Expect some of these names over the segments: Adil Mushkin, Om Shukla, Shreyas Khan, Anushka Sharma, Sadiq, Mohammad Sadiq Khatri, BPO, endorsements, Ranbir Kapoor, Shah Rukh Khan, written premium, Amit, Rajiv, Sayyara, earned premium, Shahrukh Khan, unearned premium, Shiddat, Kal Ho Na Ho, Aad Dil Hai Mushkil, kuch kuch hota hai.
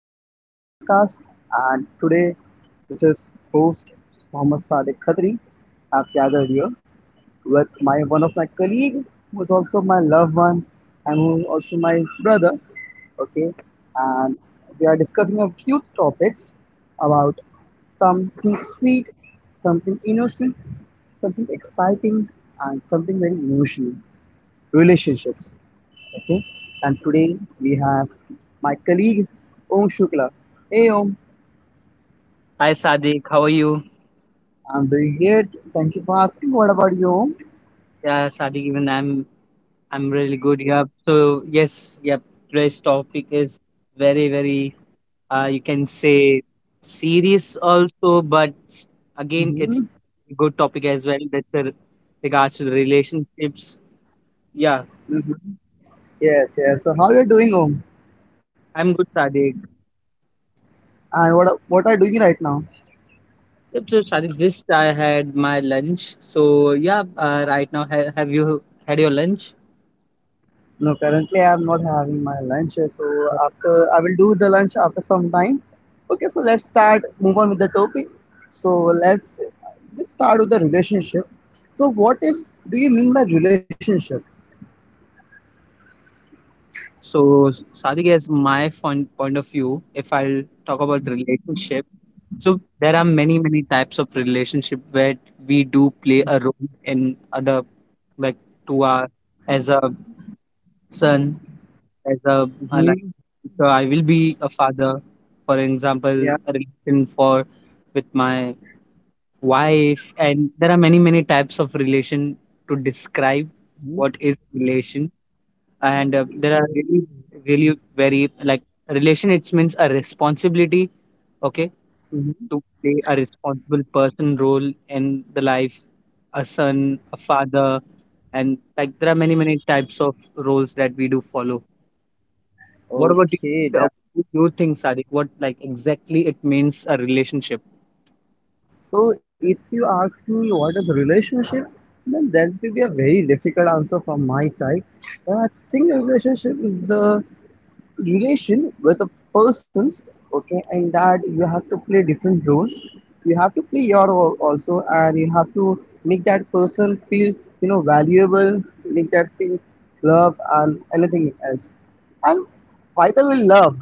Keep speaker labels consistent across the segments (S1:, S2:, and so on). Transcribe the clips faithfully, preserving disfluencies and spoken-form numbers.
S1: welcome to my podcast. And today, this is host Mohammad Sadiq Khatri. I've gathered here with my one of my colleague, who is also my loved one, and who is also my brother. Okay, and we are discussing a few topics about something sweet, something innocent, something exciting, and something very emotional relationships. Okay, and today we have my colleague Om Shukla. Hey Om,
S2: Hi Sadiq, how are you?
S1: I'm doing great. Thank you for asking. What about you, Om?
S2: Yeah, Sadiq, even I'm I'm really good. Yeah. So yes, yep. Today's topic is very, very uh, you can say serious also, but again,
S1: Mm-hmm.
S2: it's a good topic as well. That's the regards to the relationships. Yeah,
S1: Mm-hmm. Yes, yes. So how you are doing, Om?
S2: I'm good, Sadiq.
S1: And what what are you doing right now?
S2: Yep, so Sadiq, just I had my lunch. So yeah, uh, right now ha have you had your lunch?
S1: No, currently I am not having my lunch. So after I will do the lunch after some time. Okay, so let's start move on with the topic. So let's just start with the relationship. So what is do you mean by relationship?
S2: So Sadiq, as my point point of view, if I'll talk about relationship. So there are many, many types of relationship where we do play a role in other, like to our as a son, as a uh, like.
S1: Mm-hmm.
S2: So I will be a father, for example,
S1: Yeah.
S2: a relation for with my wife, and there are many, many types of relation to describe what is relation, and uh, there are
S1: Mm-hmm.
S2: really, really very like relation. It means a responsibility, okay, to play a responsible person role in the life, a son, a father, and like there are many many types of roles that we do follow. What about you?
S1: Okay,
S2: uh,
S1: that
S2: what do you think, Sadiq? What like exactly it means a relationship?
S1: so if you ask me what is relationship, then that will be a very difficult answer from my side. But I think relationship is the relation with the persons, okay, and that you have to play different roles. You have to play your role also, and you have to make that person feel, you know, valuable, make that feel love and anything else. And by the way, love,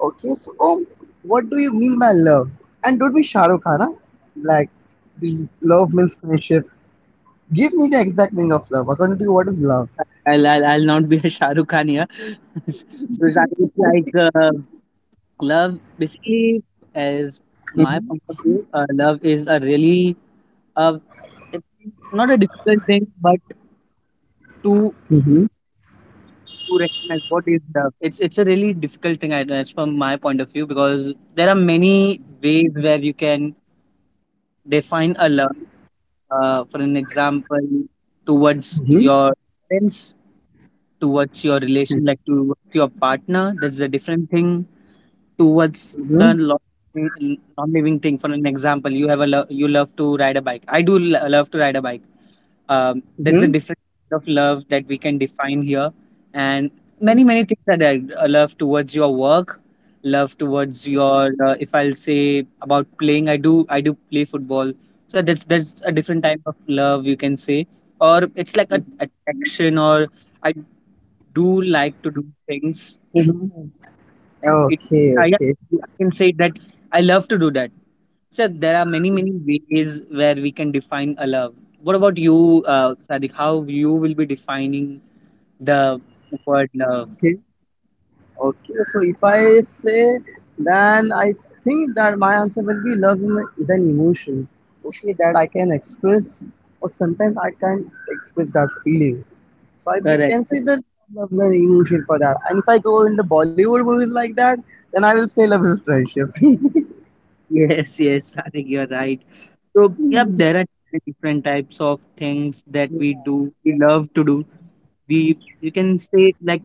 S1: okay. So um, what do you mean by love, and don't be Shahrukh Khan, huh? Like, the love means friendship. Give me the exact meaning of love. According to you, what is love?
S2: I'll, I'll, I'll not be a Shah Rukh Khan here. So exactly it's like uh, love basically as my
S1: mm-hmm.
S2: point of view, uh, love is a really uh, it's not a difficult thing, but to
S1: Mm-hmm.
S2: to recognize what is the It's it's a really difficult thing, I guess, from my point of view, because there are many ways where you can define a learn. Uh, for an example, towards your friends towards your relation, like towards your partner, that's a different thing. Towards
S1: Mm-hmm.
S2: the lo- non-living thing, for an example, you have a lo- you love to ride a bike. I do lo- love to ride a bike. Um, that's
S1: Mm-hmm.
S2: a different kind of love that we can define here, and many many things that I uh, love towards your work, love towards your uh, if I'll say about playing, I do I do play football. So that's that's a different type of love you can say, or it's like a attraction or. I do like to do things.
S1: Mhm.
S2: It,
S1: Okay,
S2: I,
S1: okay,
S2: I can say that I love to do that. So there are many many ways where we can define a love. What about you, uh, Sadiq? How you will be defining the word love?
S1: okay, okay. So if I say, then I think that my answer will be love is an is an emotion. Okay, that I can express, or sometimes I can't express that feeling. So I be,
S2: Correct,
S1: can say
S2: correct.
S1: that love is an emotion for that. And if I go in the Bollywood movies like that, then I will say love is friendship.
S2: Yes, yes, Sadiq, you're right. So yeah, there are different types of things that we
S1: Yeah.
S2: do. We love to do. We you can say like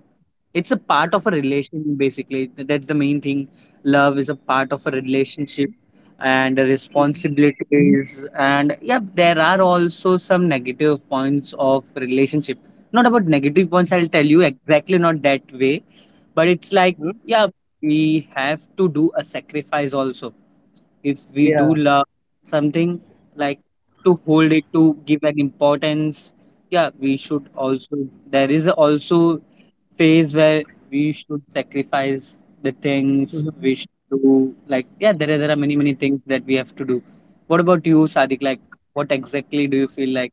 S2: It's a part of a relation basically. Th- That's the main thing. Love is a part of a relationship and the
S1: Mhm.
S2: responsibilities, and yeah, there are also some negative points of relationship. Not about negative points, I'll tell you exactly not that way, but it's like
S1: Mhm.
S2: yeah, we have to do a sacrifice also. If we do
S1: Yeah.
S2: love something like to hold it to give an importance, yeah, we should also there is also phase where we should sacrifice the things
S1: Mm-hmm.
S2: we should do. Like, yeah, there are, there are many, many things that we have to do. What about you, Sadik? Like, what exactly do you feel like?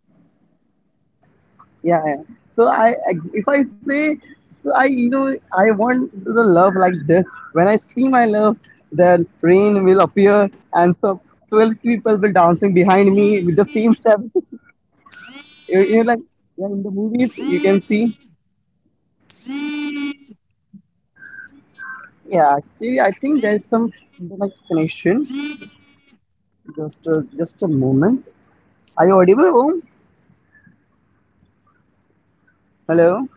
S1: Yeah, yeah. So I, if I say, so I, you know, I want the love like this. When I see my love, the rain will appear, and so twelve people will dancing behind me with the same step. you you know, like, yeah, in the movies, you can see. Yeah, actually, I think there's some like connection. Just, a, just a moment. Are you audible, Om? Hello,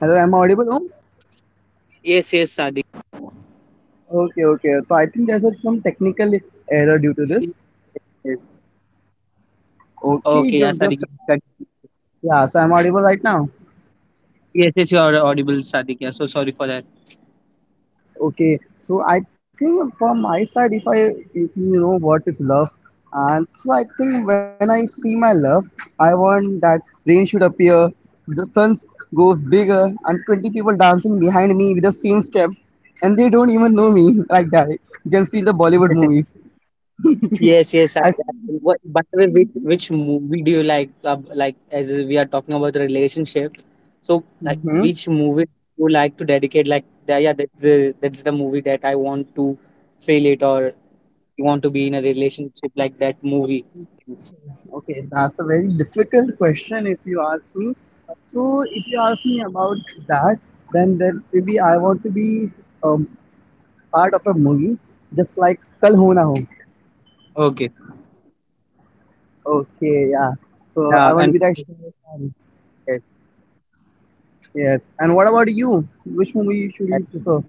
S1: hello. Am I audible, Om? Okay, okay. So I think there's a, some technical error due to this.
S2: Yes.
S1: Okay,
S2: Okay,
S1: just
S2: yeah,
S1: just
S2: Sadiq. Sadiq.
S1: yeah, so I'm audible right now.
S2: Yes, yes, you are audible, Sadiq. Yeah, so sorry for that.
S1: Okay, so I think from my side, if I, if you know what is love, and so I think when I see my love, I want that rain should appear, the sun goes bigger, and twenty people dancing behind me with the same step, and they don't even know me like that. You can see in the Bollywood movies.
S2: Yes, yes. I,
S1: I,
S2: I, what, by the way, which, which movie do you like? Uh, like, as we are talking about the relationship, so like,
S1: hmm
S2: which movie you like to dedicate? Like, the, yeah, that's the that's the movie that I want to feel it, or you want to be in a relationship like that movie.
S1: Okay, that's a very difficult question if you ask me. So, if you ask me about that, then then maybe I want to be um, part of a movie, just like Kal Ho Na Ho.
S2: Okay.
S1: Okay, yeah. So
S2: Yeah,
S1: I want to
S2: and
S1: be that Shreyas Khan.
S2: yes.
S1: Yes. And what about you? Which movie should you prefer?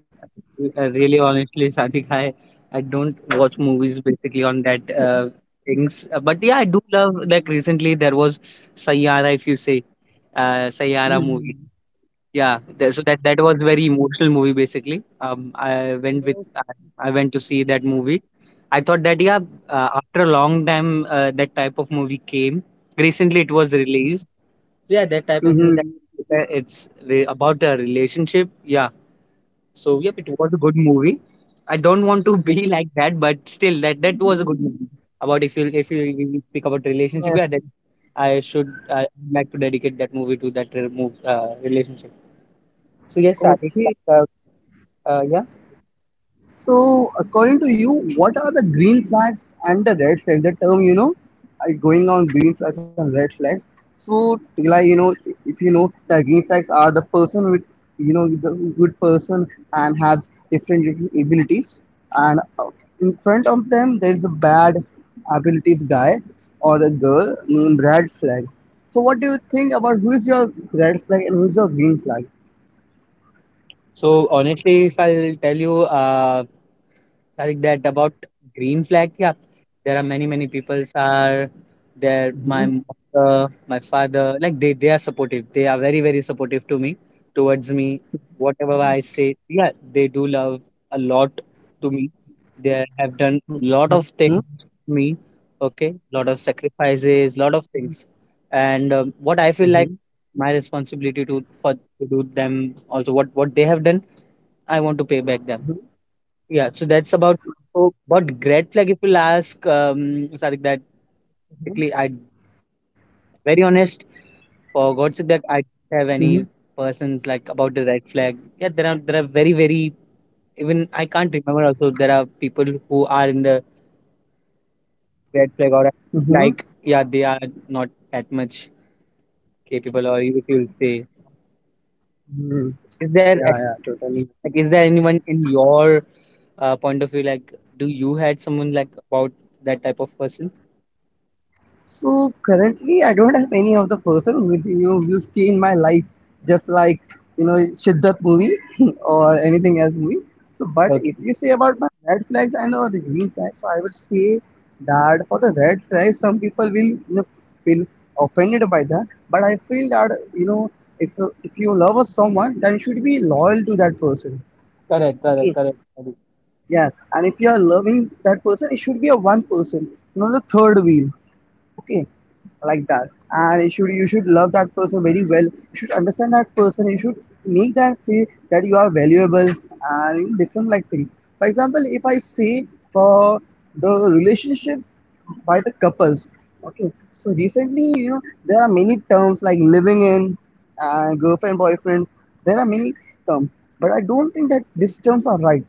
S2: Uh, really, honestly, Sadik, I, I don't watch movies basically on that uh, things. Uh, but yeah, I do love like recently there was Sayyara, if you say, uh, Sayyara
S1: Mm-hmm.
S2: movie. Yeah, th- so that that was very emotional movie basically. Um, I went with I, I went to see that movie. I thought that yeah, uh, after a long time uh, that type of movie came. Recently, it was released. Yeah, that type of movie that
S1: Mm-hmm.
S2: it's re- about a relationship. Yeah, so yep, it was a good movie. I don't want to be like that, but still, that that was a good movie. About if you if you, you speak about
S1: Yes.
S2: relationship, yeah, that I should I like to dedicate that movie to that re- move, uh, relationship. So yes, I think
S1: Okay.
S2: that, uh, uh, yeah.
S1: So, according to you, what are the green flags and the red flags? The term, you know, are going on green flags and red flags. So, like, you know, if you know that green flags are the person with, you know, the good person and has different different abilities, and uh, in front of them there is a bad abilities guy or a girl named red flag. So, what do you think about who is your red flag and who is your green flag?
S2: So honestly, if I'll tell you, uh, Sadiq, that about green flag, yeah, there are many many peoples are there. My
S1: Mm-hmm.
S2: mother, my father, like they they are supportive. They are very very supportive to me, towards me. Whatever I say, yeah, they do love a lot to me. They have done
S1: Mm-hmm.
S2: lot of things to me. Okay, lot of sacrifices, lot of things, and um, what
S1: Mm-hmm.
S2: I feel like my responsibility to for to do them also what what they have done. I want to pay back them, yeah, so that's about. So but great like if you'll ask um Sadik, that
S1: Mm-hmm.
S2: basically I very honest for god's sake that I
S1: Mm-hmm.
S2: don't have any persons like about the red flag, yeah, there are there are very very even I can't remember also there are people who are in the red flag or
S1: Mm-hmm.
S2: like yeah they are not that much capable or if you'll say
S1: Hmm.
S2: is
S1: Yeah,
S2: there.
S1: yeah,
S2: Like,
S1: totally.
S2: is there anyone in your uh, point of view, like, do you had someone like about that type of person?
S1: So currently, I don't have any of the person with, you know, will stay in my life, just like, you know, Shiddat movie or anything else movie. So, but if
S2: Okay,
S1: you say about my red flags and or the green flags, so I would say that for the red flags, some people will, you know, feel offended by that. But I feel that, you know, if you- if you love someone, then you should be loyal to that person.
S2: correct,
S1: Okay,
S2: correct, correct, correct,
S1: yes, and if you are loving that person, it should be a one person, not the third wheel. Okay, like that. And you should you should love that person very well. You should understand that person. You should make that feel that you are valuable and, you know, different like things. For example, if I say for the relationship by the couples. Okay, so recently, you know, there are many terms like living in, and girlfriend boyfriend. There are many terms, but I don't think that these terms are right.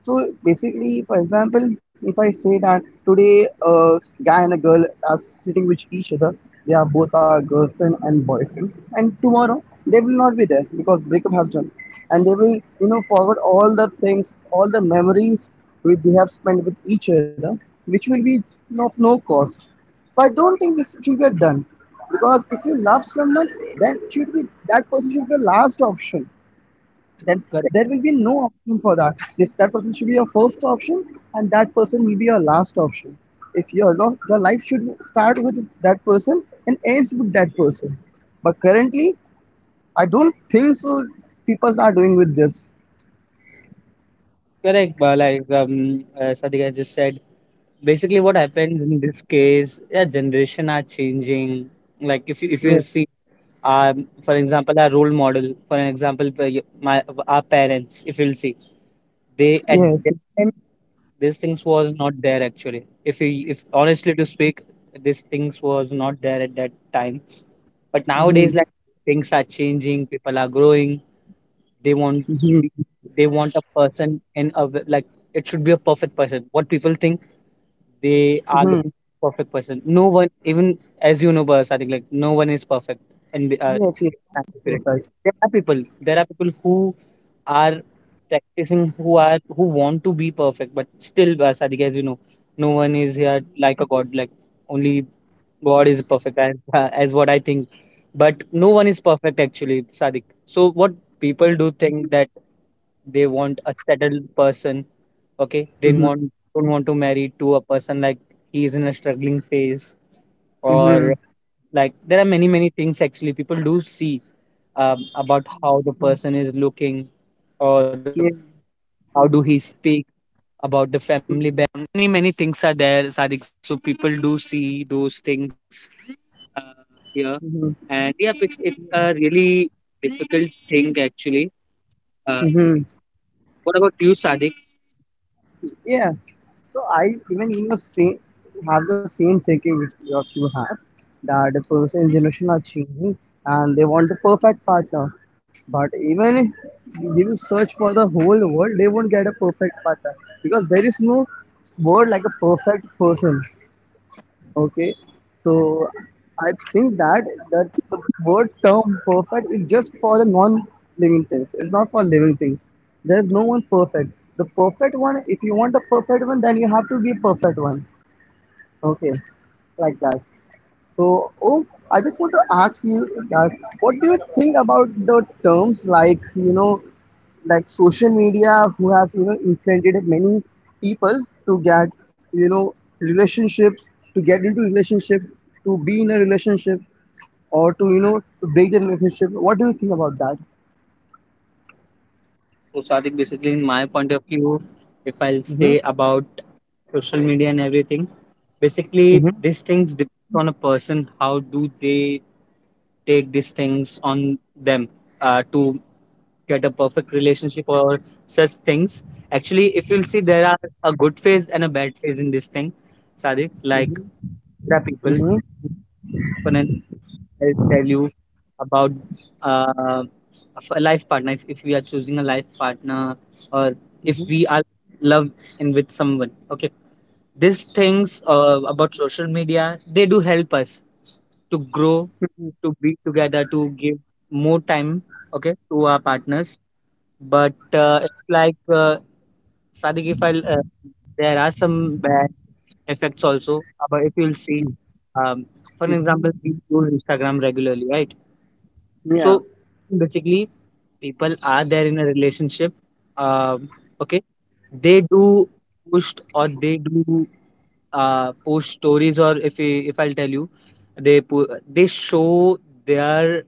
S1: So basically, for example, if I say that today a guy and a girl are sitting with each other, they are both our girlfriend and boyfriend, and tomorrow they will not be there because breakup has done, and they will, you know, forward all the things, all the memories which they have spent with each other, which will be of no cost. So I don't think this should get done, because if you love someone, that should be that person should be the last option. Then
S2: correct.
S1: there will be no option for that. This That person should be your first option, and that person will be your last option. If your lo- your life should start with that person and ends with that person, but currently I don't think so. People are doing with this.
S2: correct, but like um, uh, Sadiq has just said, basically what happens in this case, yeah, generation are changing. Like, if you if you
S1: Yeah.
S2: see, um, for example, our role model, for an example, for y- my our parents, if you'll see, they at
S1: Yes.
S2: that time these things was not there actually. If you if honestly to speak, these things was not there at that time. But nowadays,
S1: Mm-hmm.
S2: like things are changing, people are growing. They want
S1: Mm-hmm.
S2: they want a person in a w- like it should be a perfect person. What people think they are
S1: Mm-hmm.
S2: looking for perfect person. No one, even as you know, Bas, I think like no one is perfect. And uh,
S1: Yes. Yes.
S2: accurate.
S1: Perfect.
S2: there are people, there are people who are practicing, who are who want to be perfect, but still, Bas, I think as you know, no one is here like a god. Like only God is perfect as, uh, as what I think. But no one is perfect actually, Sadik. So what people do think that they want a settled person, okay? They want
S1: Mm-hmm.
S2: don't want to marry to a person like he is in a struggling phase or
S1: Mm-hmm.
S2: like there are many many things actually people do see um, about how the person is looking or
S1: Yes.
S2: how do he speak.
S1: Mm-hmm. Mm-hmm. mm-hmm. Yeah. So I even, you know, say have the same thinking which what you have, that the person and generation are changing and they want the perfect partner. But even if you will search for the whole world, they won't get a perfect partner, because there is no word like a perfect person. Okay, so I think that that the word term perfect is just for the non-living things. It's not for living things. There is no one perfect. The perfect one, if you want the perfect one, then you have to be perfect one. Okay, like that. So, oh, I just want to ask you that what do you think about the terms like, you know, like social media who has, you know, influenced many people to get, you know, relationships, to get into relationship, to be in a relationship or to, you know, to break the relationship. What do you think about that?
S2: So, Sadik, basically, in my point of view, if I'll say
S1: Mm-hmm.
S2: about social media and everything, basically, these
S1: Mm-hmm.
S2: things depend on a person. How do they take these things on them uh, to get a perfect relationship or such things? Actually, if you'll see, there are a good phase and a bad phase in this thing, Sadik. Like,
S1: Mm-hmm.
S2: there are people
S1: Mm-hmm.
S2: I'll tell you about uh, a life partner. If, if we are choosing a life partner, or if
S1: Mm-hmm.
S2: we are love in with someone, okay. These things uh, about social media, they do help us to grow, to be together, to give more time, okay, to our partners. But uh, it's like uh, Sadiq, if I, uh, there are some bad effects also. Uh, But if you'll see, um, for an example,
S1: Mm-hmm.
S2: we use Instagram regularly, right?
S1: Yeah.
S2: So basically, people are there in a relationship. um, okay, they do pushed or they do uh, post stories or if we, if I'll tell you, they po- they show their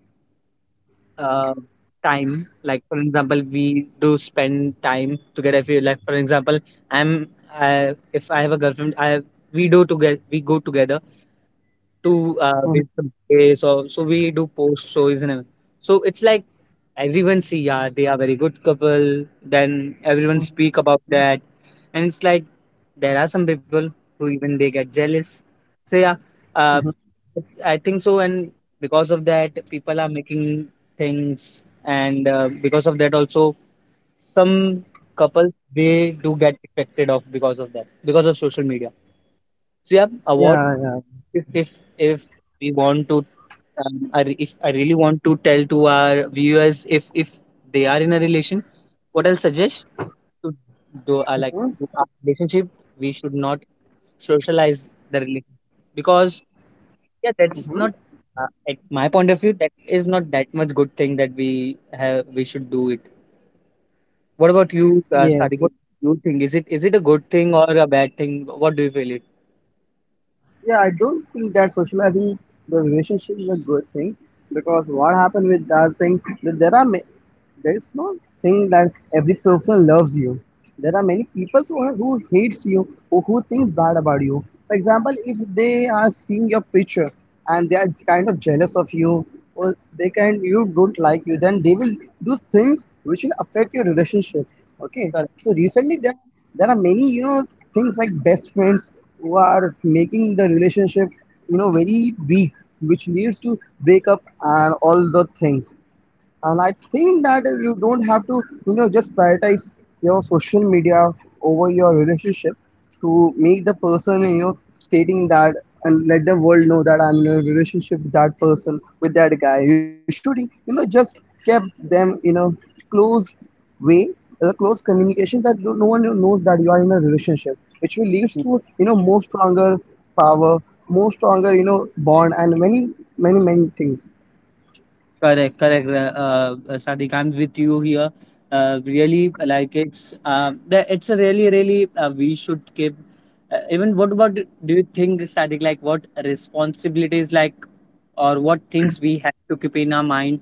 S2: uh, time. Like for example, we do spend time together. If you like, for example, I'm I, if I have a girlfriend, I we do together. We go together to uh, with
S1: Mm-hmm.
S2: some place or so we do post shows and everything. So it's like everyone see yeah they are very good couple, then everyone speak about that, and it's like there are some people who even they get jealous, so yeah,
S1: Mm-hmm.
S2: uh, it's, I think so, and because of that people are making things, and uh, because of that also some couples they do get affected off because of that, because of social media. So yeah award
S1: Yeah, yeah.
S2: if if if we want to um, I, re- if I really want to tell to our viewers if if they are in a relation, what I'll suggest to do uh, like
S1: Mm-hmm.
S2: with our relationship, we should not socialize the relationship because yeah, that's not
S1: Mm-hmm.
S2: uh, at my point of view that is not that much good thing that we have we should do it. What about you,
S1: Yes.
S2: uh, Sadiq? What do you think? Is it is it a good thing or a bad thing? What do you feel it?
S1: Yeah, I don't think that's social. I think the relationship is a good thing, because what happened with that thing that there are ma- there is no thing that every person loves you. There are many people who, are, who hates you or who thinks bad about you. For example, if they are seeing your picture and they are kind of jealous of you or they can you don't like you, then they will do things which will affect your relationship. Okay. So recently there there are many, you know, things like best friends who are making the relationship, you know, very weak, which leads to breakup and all the things. And I think that you don't have to, you know, just prioritize your social media over your relationship to make the person, you know, stating that, and let the world know that I'm in a relationship with that person, with that guy. You should, you know, just keep them in a close way, a close communication, that no no one knows that you are in a relationship, which will leads to, you know, more stronger power, more stronger, you know, bond, and many many many things.
S2: Correct, correct, uh, uh, Sadiq. I'm with you here. Uh, really, like it's uh, the, it's a really, really uh, we should keep. Uh, even what about do you think, Sadiq? Like what responsibilities, like or what things we have to keep in our mind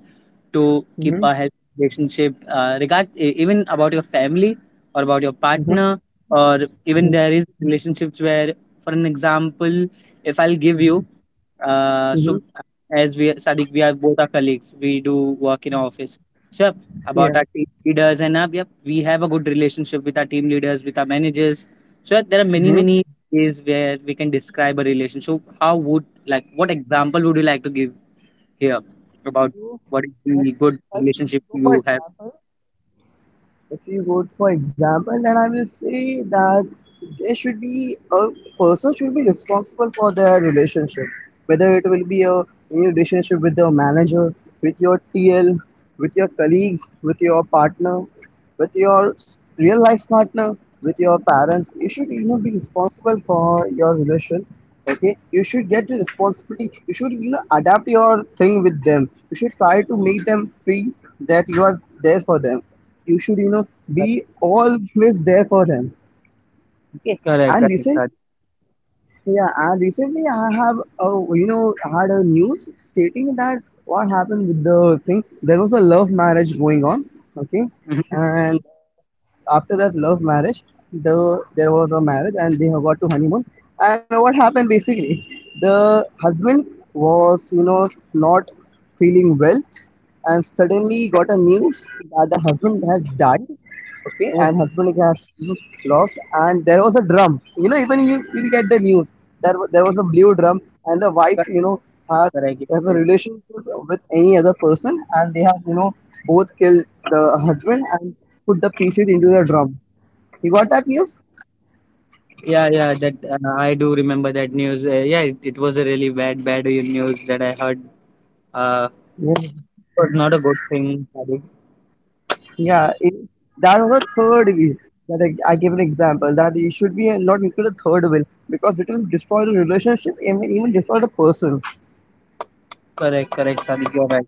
S2: to keep a
S1: hmm
S2: healthy relationship, uh, regard e- even about your family or about your partner, or even there
S1: hmm
S2: is relationships where, for an example, if I'll give you.
S1: hmm
S2: Uh, so
S1: hmm
S2: as we Sadiq, we are both our colleagues. We do work in our office. So yep, about our
S1: Yeah.
S2: team leaders and up, yep, we have a good relationship with our team leaders, with our managers. So yep, there are many
S1: hmm
S2: many ways where we can describe a relationship. How would like what example would you like to give here about
S1: So,
S2: what is the
S1: if,
S2: good
S1: if,
S2: relationship
S1: go
S2: you
S1: for
S2: have?
S1: example, if you go for example, then I will say that there should be a person should be responsible for their relationship, whether it will be a new relationship with your manager, with your TL, with your colleagues, with your partner, with your s- real life partner, with your parents. You should, you know, be responsible for your relation. Okay, you should get the responsibility. You should, you know, adapt your thing with them. You should try to make them feel that you are there for them. You should, you know, be always there for them. Okay,
S2: Correct,
S1: and
S2: correct,
S1: recent,
S2: Sadiq.
S1: yeah, and recently I have, uh, you know, had a news stating that what happened with the thing. There was a love marriage going on, okay,
S2: Mhm.
S1: and after that love marriage, the there was a marriage and they have got to honeymoon. And what happened basically, the husband was, you know, not feeling well, and suddenly got a news that the husband has died. Okay,
S2: Oh,
S1: and husband has lost. And there was a drum, you know even you you get the news. There, wa- there was a blue drum, and the wife,
S2: correct,
S1: you know has
S2: correct. Yes,
S1: has a
S2: yes, yes.
S1: relationship with any other person, and they have, you know both killed the husband and put the pieces into the drum. You got that news.
S2: Yeah, yeah, that uh, I do remember that news. Uh, yeah, it, it was a really bad, bad uh, news that I heard. Uh,
S1: Yeah,
S2: was not a good thing, Sadiq.
S1: yeah, it, that was the third will that I, I gave an example that it should be not include the third will, because it will destroy the relationship and even destroy the person.
S2: Correct, correct, Sadiq. You're right.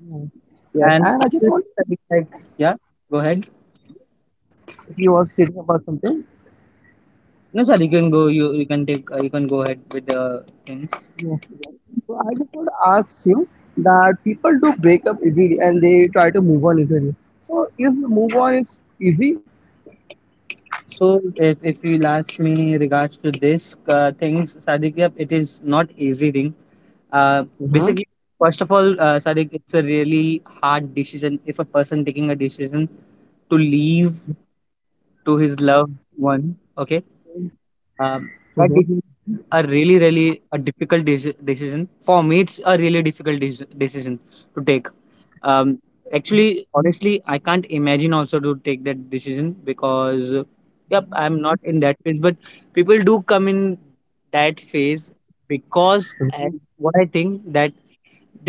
S1: Mm. Yes,
S2: And
S1: and I just want.
S2: Sadiq, like,
S1: Yes.
S2: yeah, go ahead.
S1: If you were stating about something.
S2: No, Sadiq, you can go. You you can take. Uh, you can go ahead with the things.
S1: Yes. Yes. So I just want to ask you that people do break up easily, and they try to move on easily. So if move on is easy,
S2: So, if if you ask me regards to this uh, things, Sadiq, yep, it is not easy thing. Uh,
S1: mm-hmm.
S2: Basically, first of all, uh, Sadiq, it's a really hard decision if a person taking a decision to leave to his loved one. Okay. Um, that
S1: Mm-hmm.
S2: decision are really, really a difficult deci- decision. For me, it's a really difficult deci- decision to take. Um, Actually, honestly, I can't imagine also to take that decision because, uh, yep, I'm not in that phase. But people do come in that phase because,
S1: Mm-hmm.
S2: and what I think that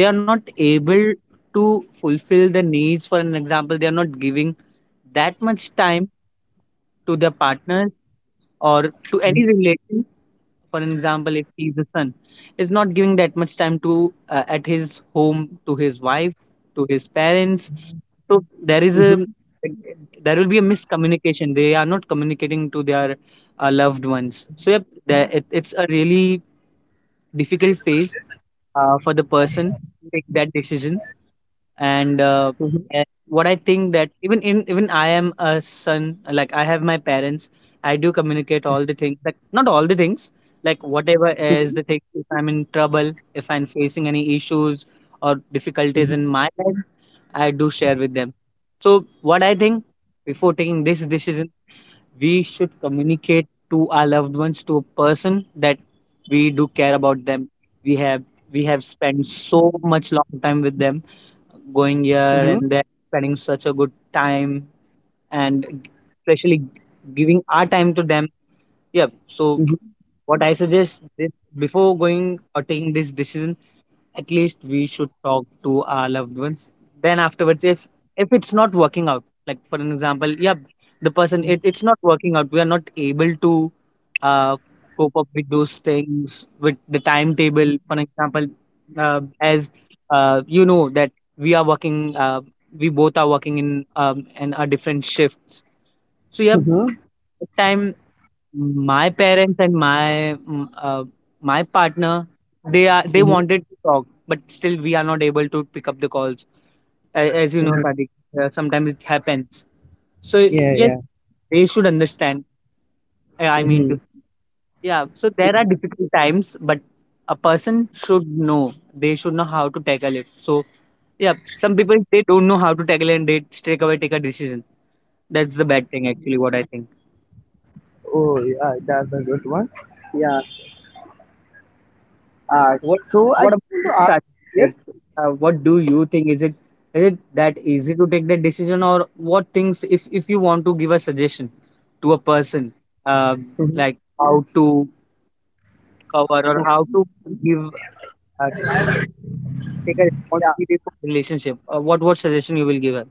S2: they are not able to fulfill the needs. For an example, they are not giving that much time to their partner or to any relation for an example if he's a son is not giving that much time to uh, at his home to his wife to his parents so there is
S1: Mm-hmm.
S2: a
S1: Mm-hmm.
S2: there will be a miscommunication they are not communicating to their uh, loved ones so yep there, it, it's a really difficult phase uh, for the person to take that decision and uh,
S1: Mm-hmm.
S2: and what I think that even in even I am a son like I have my parents I do communicate all the things like not all the things like whatever is the thing if I'm in trouble if I'm facing any issues or difficulties in my life I do share with them so what I think before taking this decision we should communicate to our loved ones to a person that we do care about them we have we have spent so much long time with them going here
S1: Mm-hmm.
S2: and there, spending such a good time, and g- especially g- giving our time to them. Yeah. So
S1: Mm-hmm.
S2: what I suggest this before going or taking this decision at least we should talk to our loved ones then afterwards if if it's not working out like for an example yeah the person it, it's not working out we are not able to uh, cope up with those things with the timetable for an example uh, as uh, you know that we are working uh, we both are working in um, in our different shifts so yeah
S1: Mm-hmm.
S2: time my parents and my mm, uh, my partner, they are they wanted to talk, but still we are not able to pick up the calls. A- As you know,
S1: Mm-hmm.
S2: Sadiq, uh, sometimes it happens. So
S1: Yeah,
S2: yes,
S1: yeah.
S2: they should understand. I I mean
S1: Mm-hmm.
S2: to yeah. So
S1: Yeah.
S2: there are difficult times, but a person should know. They should know how to tackle it. So yeah, some people they don't know how to tackle it and they straight away take a decision. That's the bad thing, actually. What I think.
S1: Oh, yeah, that's a good one. Yeah. Uh,
S2: What
S1: so I
S2: what
S1: just
S2: about
S1: want
S2: you,
S1: to ask.
S2: Sachin?
S1: Yes.
S2: Like, uh, what do you think? Is it is it that easy to take that decision, or what things? If if you want to give a suggestion to a person, uh,
S1: Mm-hmm.
S2: like how to cover or how
S1: Okay.
S2: to give uh, take a
S1: Yeah.
S2: responsibility for relationship, uh, what what suggestion you will give her?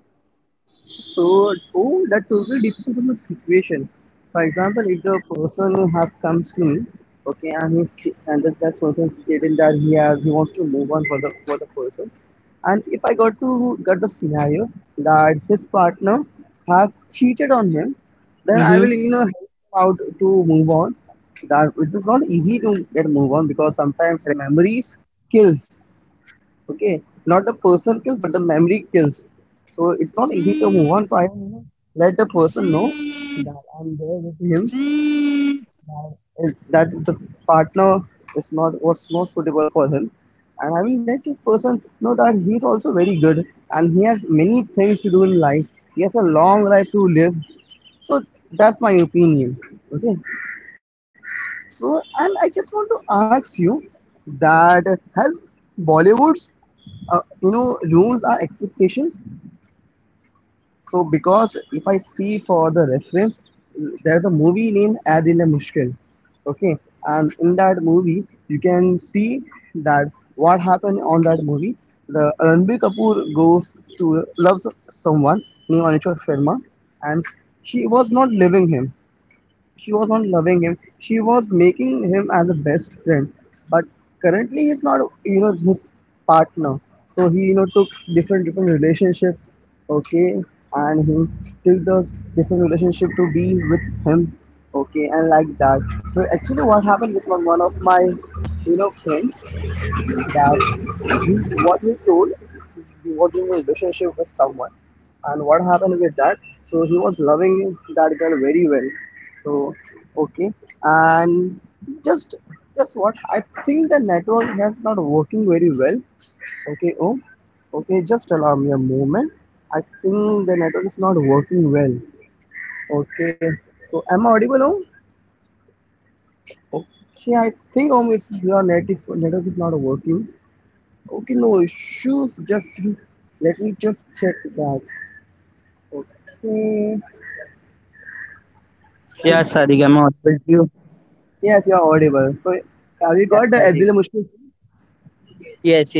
S1: So, oh, that totally depends on the situation. For example, if the person has comes to me, okay, and he's and that, that person stated that he has he wants to move on for the for the person, and if I got to get the scenario that his partner have cheated on him, then I
S2: Mm-hmm.
S1: will, you know help him out to move on. That it is not easy to get move on, because sometimes memories kills. Okay, not the person kills, but the memory kills. So it's not easy to move on. So I, you know, let the person know that I'm there with him, that, is- that the partner is not was not suitable for him, and I will let this person know that he's also very good and he has many things to do in life. He has a long life to live. So that's my opinion. Okay. So, and I just want to ask you that has Bollywood's, uh, you know, rules are expectations. So, because if I see for the reference, there is a movie named Aad Dil Hai Mushkil. Okay, and in that movie, you can see that what happened on that movie. The Ranbir Kapoor goes to loves someone named Anushka Sharma, and she was not loving him she was not loving him She was making him as a best friend. But currently, he's not, you know, his partner. So he, you know, took different different relationships. Okay, and he took those different relationship to be with him. Okay, and like that. So actually, what happened with one, one of my, you know, friends, that what he told, he was in a relationship with someone, and what happened with that, so he was loving that girl very well. So okay, and just just what I think, the network has not working very well. Okay. Oh, okay, just allow me a moment. I think the network is not working well. Okay. So am I audible now? Okay, I think almost your net is network is not working. Okay, no issues. Just let me just check that. Okay.
S2: Yeah, Sadiq, I'm out with you.
S1: Yes, you're audible. So,
S2: Yeah,
S1: have you
S2: Sadiq.
S1: got the Azil Mushkil?
S2: Yes, yes, yes.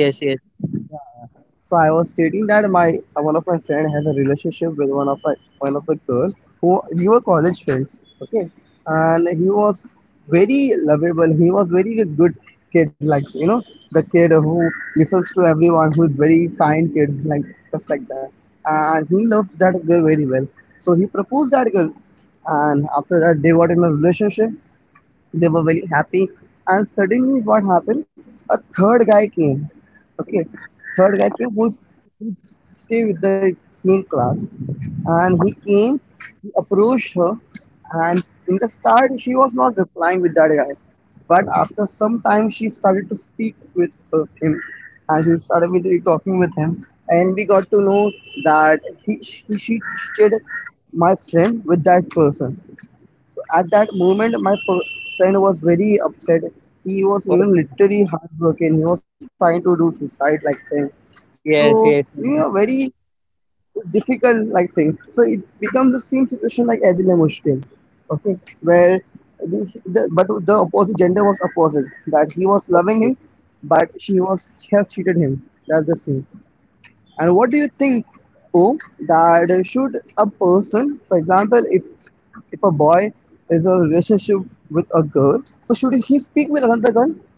S1: So I was stating that my uh, one of my friend has a relationship with one of my one of the girl who we were college friends. Okay, and he was very lovable. He was very a good kid, like you know the kid who listens to everyone, who is very kind kid, like just like that. And he loves that girl very well. So he proposed that girl, and after that they got in a relationship. They were very happy, and suddenly what happened. A third guy came. Okay, third guy came, who's who stay with the same class, and he came, he approached her, and in the start she was not replying with that guy, but after some time she started to speak with uh, him, and she started with, talking with him, and we got to know that he, she, she cheated my friend with that person. So at that moment, my fr- friend was very upset. He was, you
S2: Oh,
S1: know, literally heartbroken. He was trying to do suicide like thing.
S2: yes,
S1: So,
S2: yes.
S1: you
S2: Mm.
S1: know, very difficult like thing. So it becomes the same situation like Adil and Mushkin. Okay, where the, the but the opposite gender was opposite. That he was loving
S2: Okay.
S1: him, but she was she has cheated him. That's the thing. And what do you think, oh, that should a person, for example, if if a boy is in a relationship with a girl, so should he speak with another girl?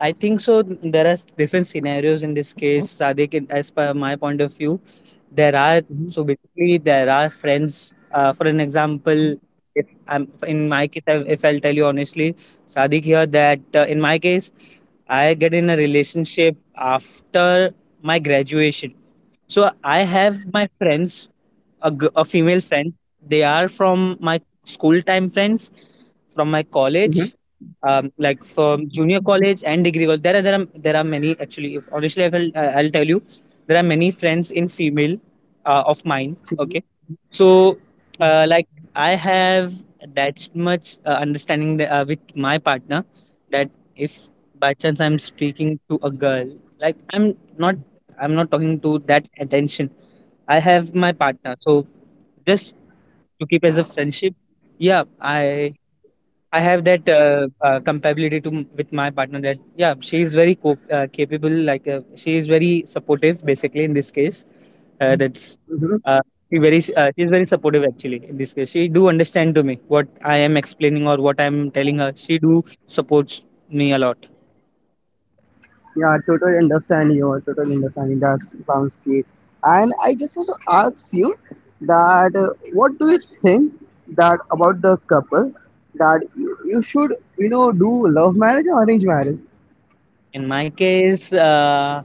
S2: I think so. There are different scenarios in this case, Sadiq. in- As per my point of view, there are so
S1: Hmm.
S2: basically there are friends. Uh, for an example, if I'm in my case, I, if I'll tell you honestly, Sadiq here that uh, in my case, I get in a relationship after my graduation. So I have my friends, a, g- a female friends. They are from my school time friends, from my college,
S1: Hmm.
S2: um, like from junior college and degree college. There are there are there are many actually. If honestly, I will uh, I'll tell you, there are many friends in female uh, of mine. Okay, so, uh, like I have that much uh, understanding that, uh, with my partner that if by chance I'm speaking to a girl, like I'm not, I'm not talking to that attention. I have my partner, so just to keep as a friendship. Yeah, I I have that uh, uh, compatibility to with my partner that yeah she is very co- uh, capable like uh, she is very supportive basically in this case uh, that's
S1: Hmm.
S2: uh, she very uh, she is very supportive actually in this case she do understand to me what I am explaining or what I am telling her she do supports me a lot
S1: Yeah, totally understand you. I totally understand you. That sounds great. And I just want to ask you that uh, what do you think that about the couple that you, you should, you know do love marriage or arranged marriage?
S2: in my case uh,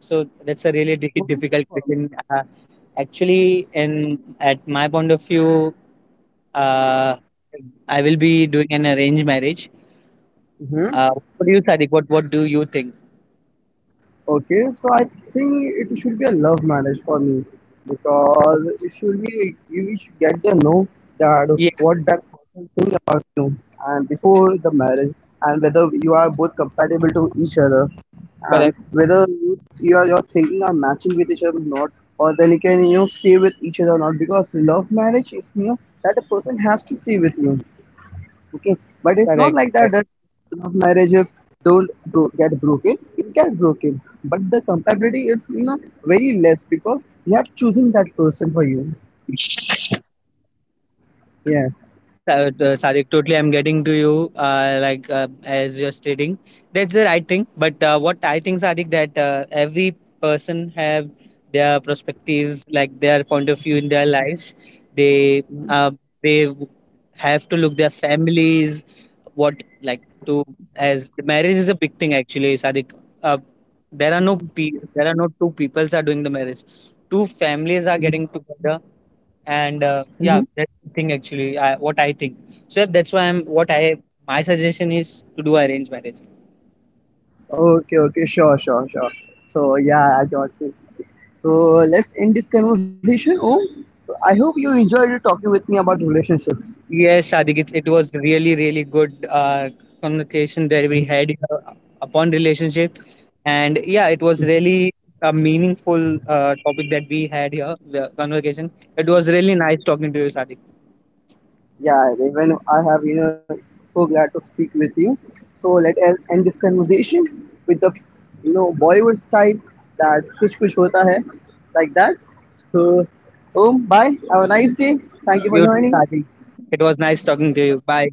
S2: so that's a really di-
S1: What do
S2: difficult
S1: you
S2: question uh, actually in at my point of view uh, I will be doing an arranged marriage.
S1: prefer?
S2: Uh, what do you, Sadiq? What What do you think?
S1: Okay, so I think it should be a love marriage for me, because it should be, you should get to know that
S2: Yeah,
S1: what that person think about you, and before the marriage, and whether you are both compatible to each other, and
S2: correct,
S1: whether you, you are your thinking are matching with each other or not, or then you can, you know stay with each other or not, because love marriage is, you know that a person has to stay with you. Okay, but it's not
S2: correct.
S1: like that,
S2: correct.
S1: that love marriages don't bro- get broken. It get broken, but the compatibility is, you know very less, because you have choosing that person for you. Yeah.
S2: Uh, the- Sadiq, totally, I'm getting to you. Uh, like uh, as you're stating, that's the right thing. But uh, what I think, Sadiq, that uh, every person have their perspectives, like their point of view in their lives. They uh, they have to look their families what like to as marriage is a big thing actually Sadik, uh, there are no pe- there are no two peoples are doing the marriage two families are getting together and uh,
S1: Mm-hmm.
S2: yeah that's the thing actually I, what I think so yeah, that's why I'm what I my suggestion is to do arranged marriage.
S1: Okay. Okay. Sure. Sure. Sure. So yeah, I got you. So let's end this conversation. Oh, so I hope you enjoyed talking with me about relationships.
S2: Yes, Sadiq, it, it was really, really good uh, communication that
S1: Mhm.
S2: we had uh, upon relationship. And yeah, it was really a meaningful uh, topic that we had here, the conversation. It was really nice talking to you, Sadiq.
S1: Yeah, Raven, I have, you know, so glad to speak with you. So let us end this conversation with the, you know, Bollywood style, that kuch kuch hota hai, like that. So, um, bye. Have a nice day. Thank you for
S2: You too,
S1: joining.
S2: Sadiq. It was nice talking to you. Bye.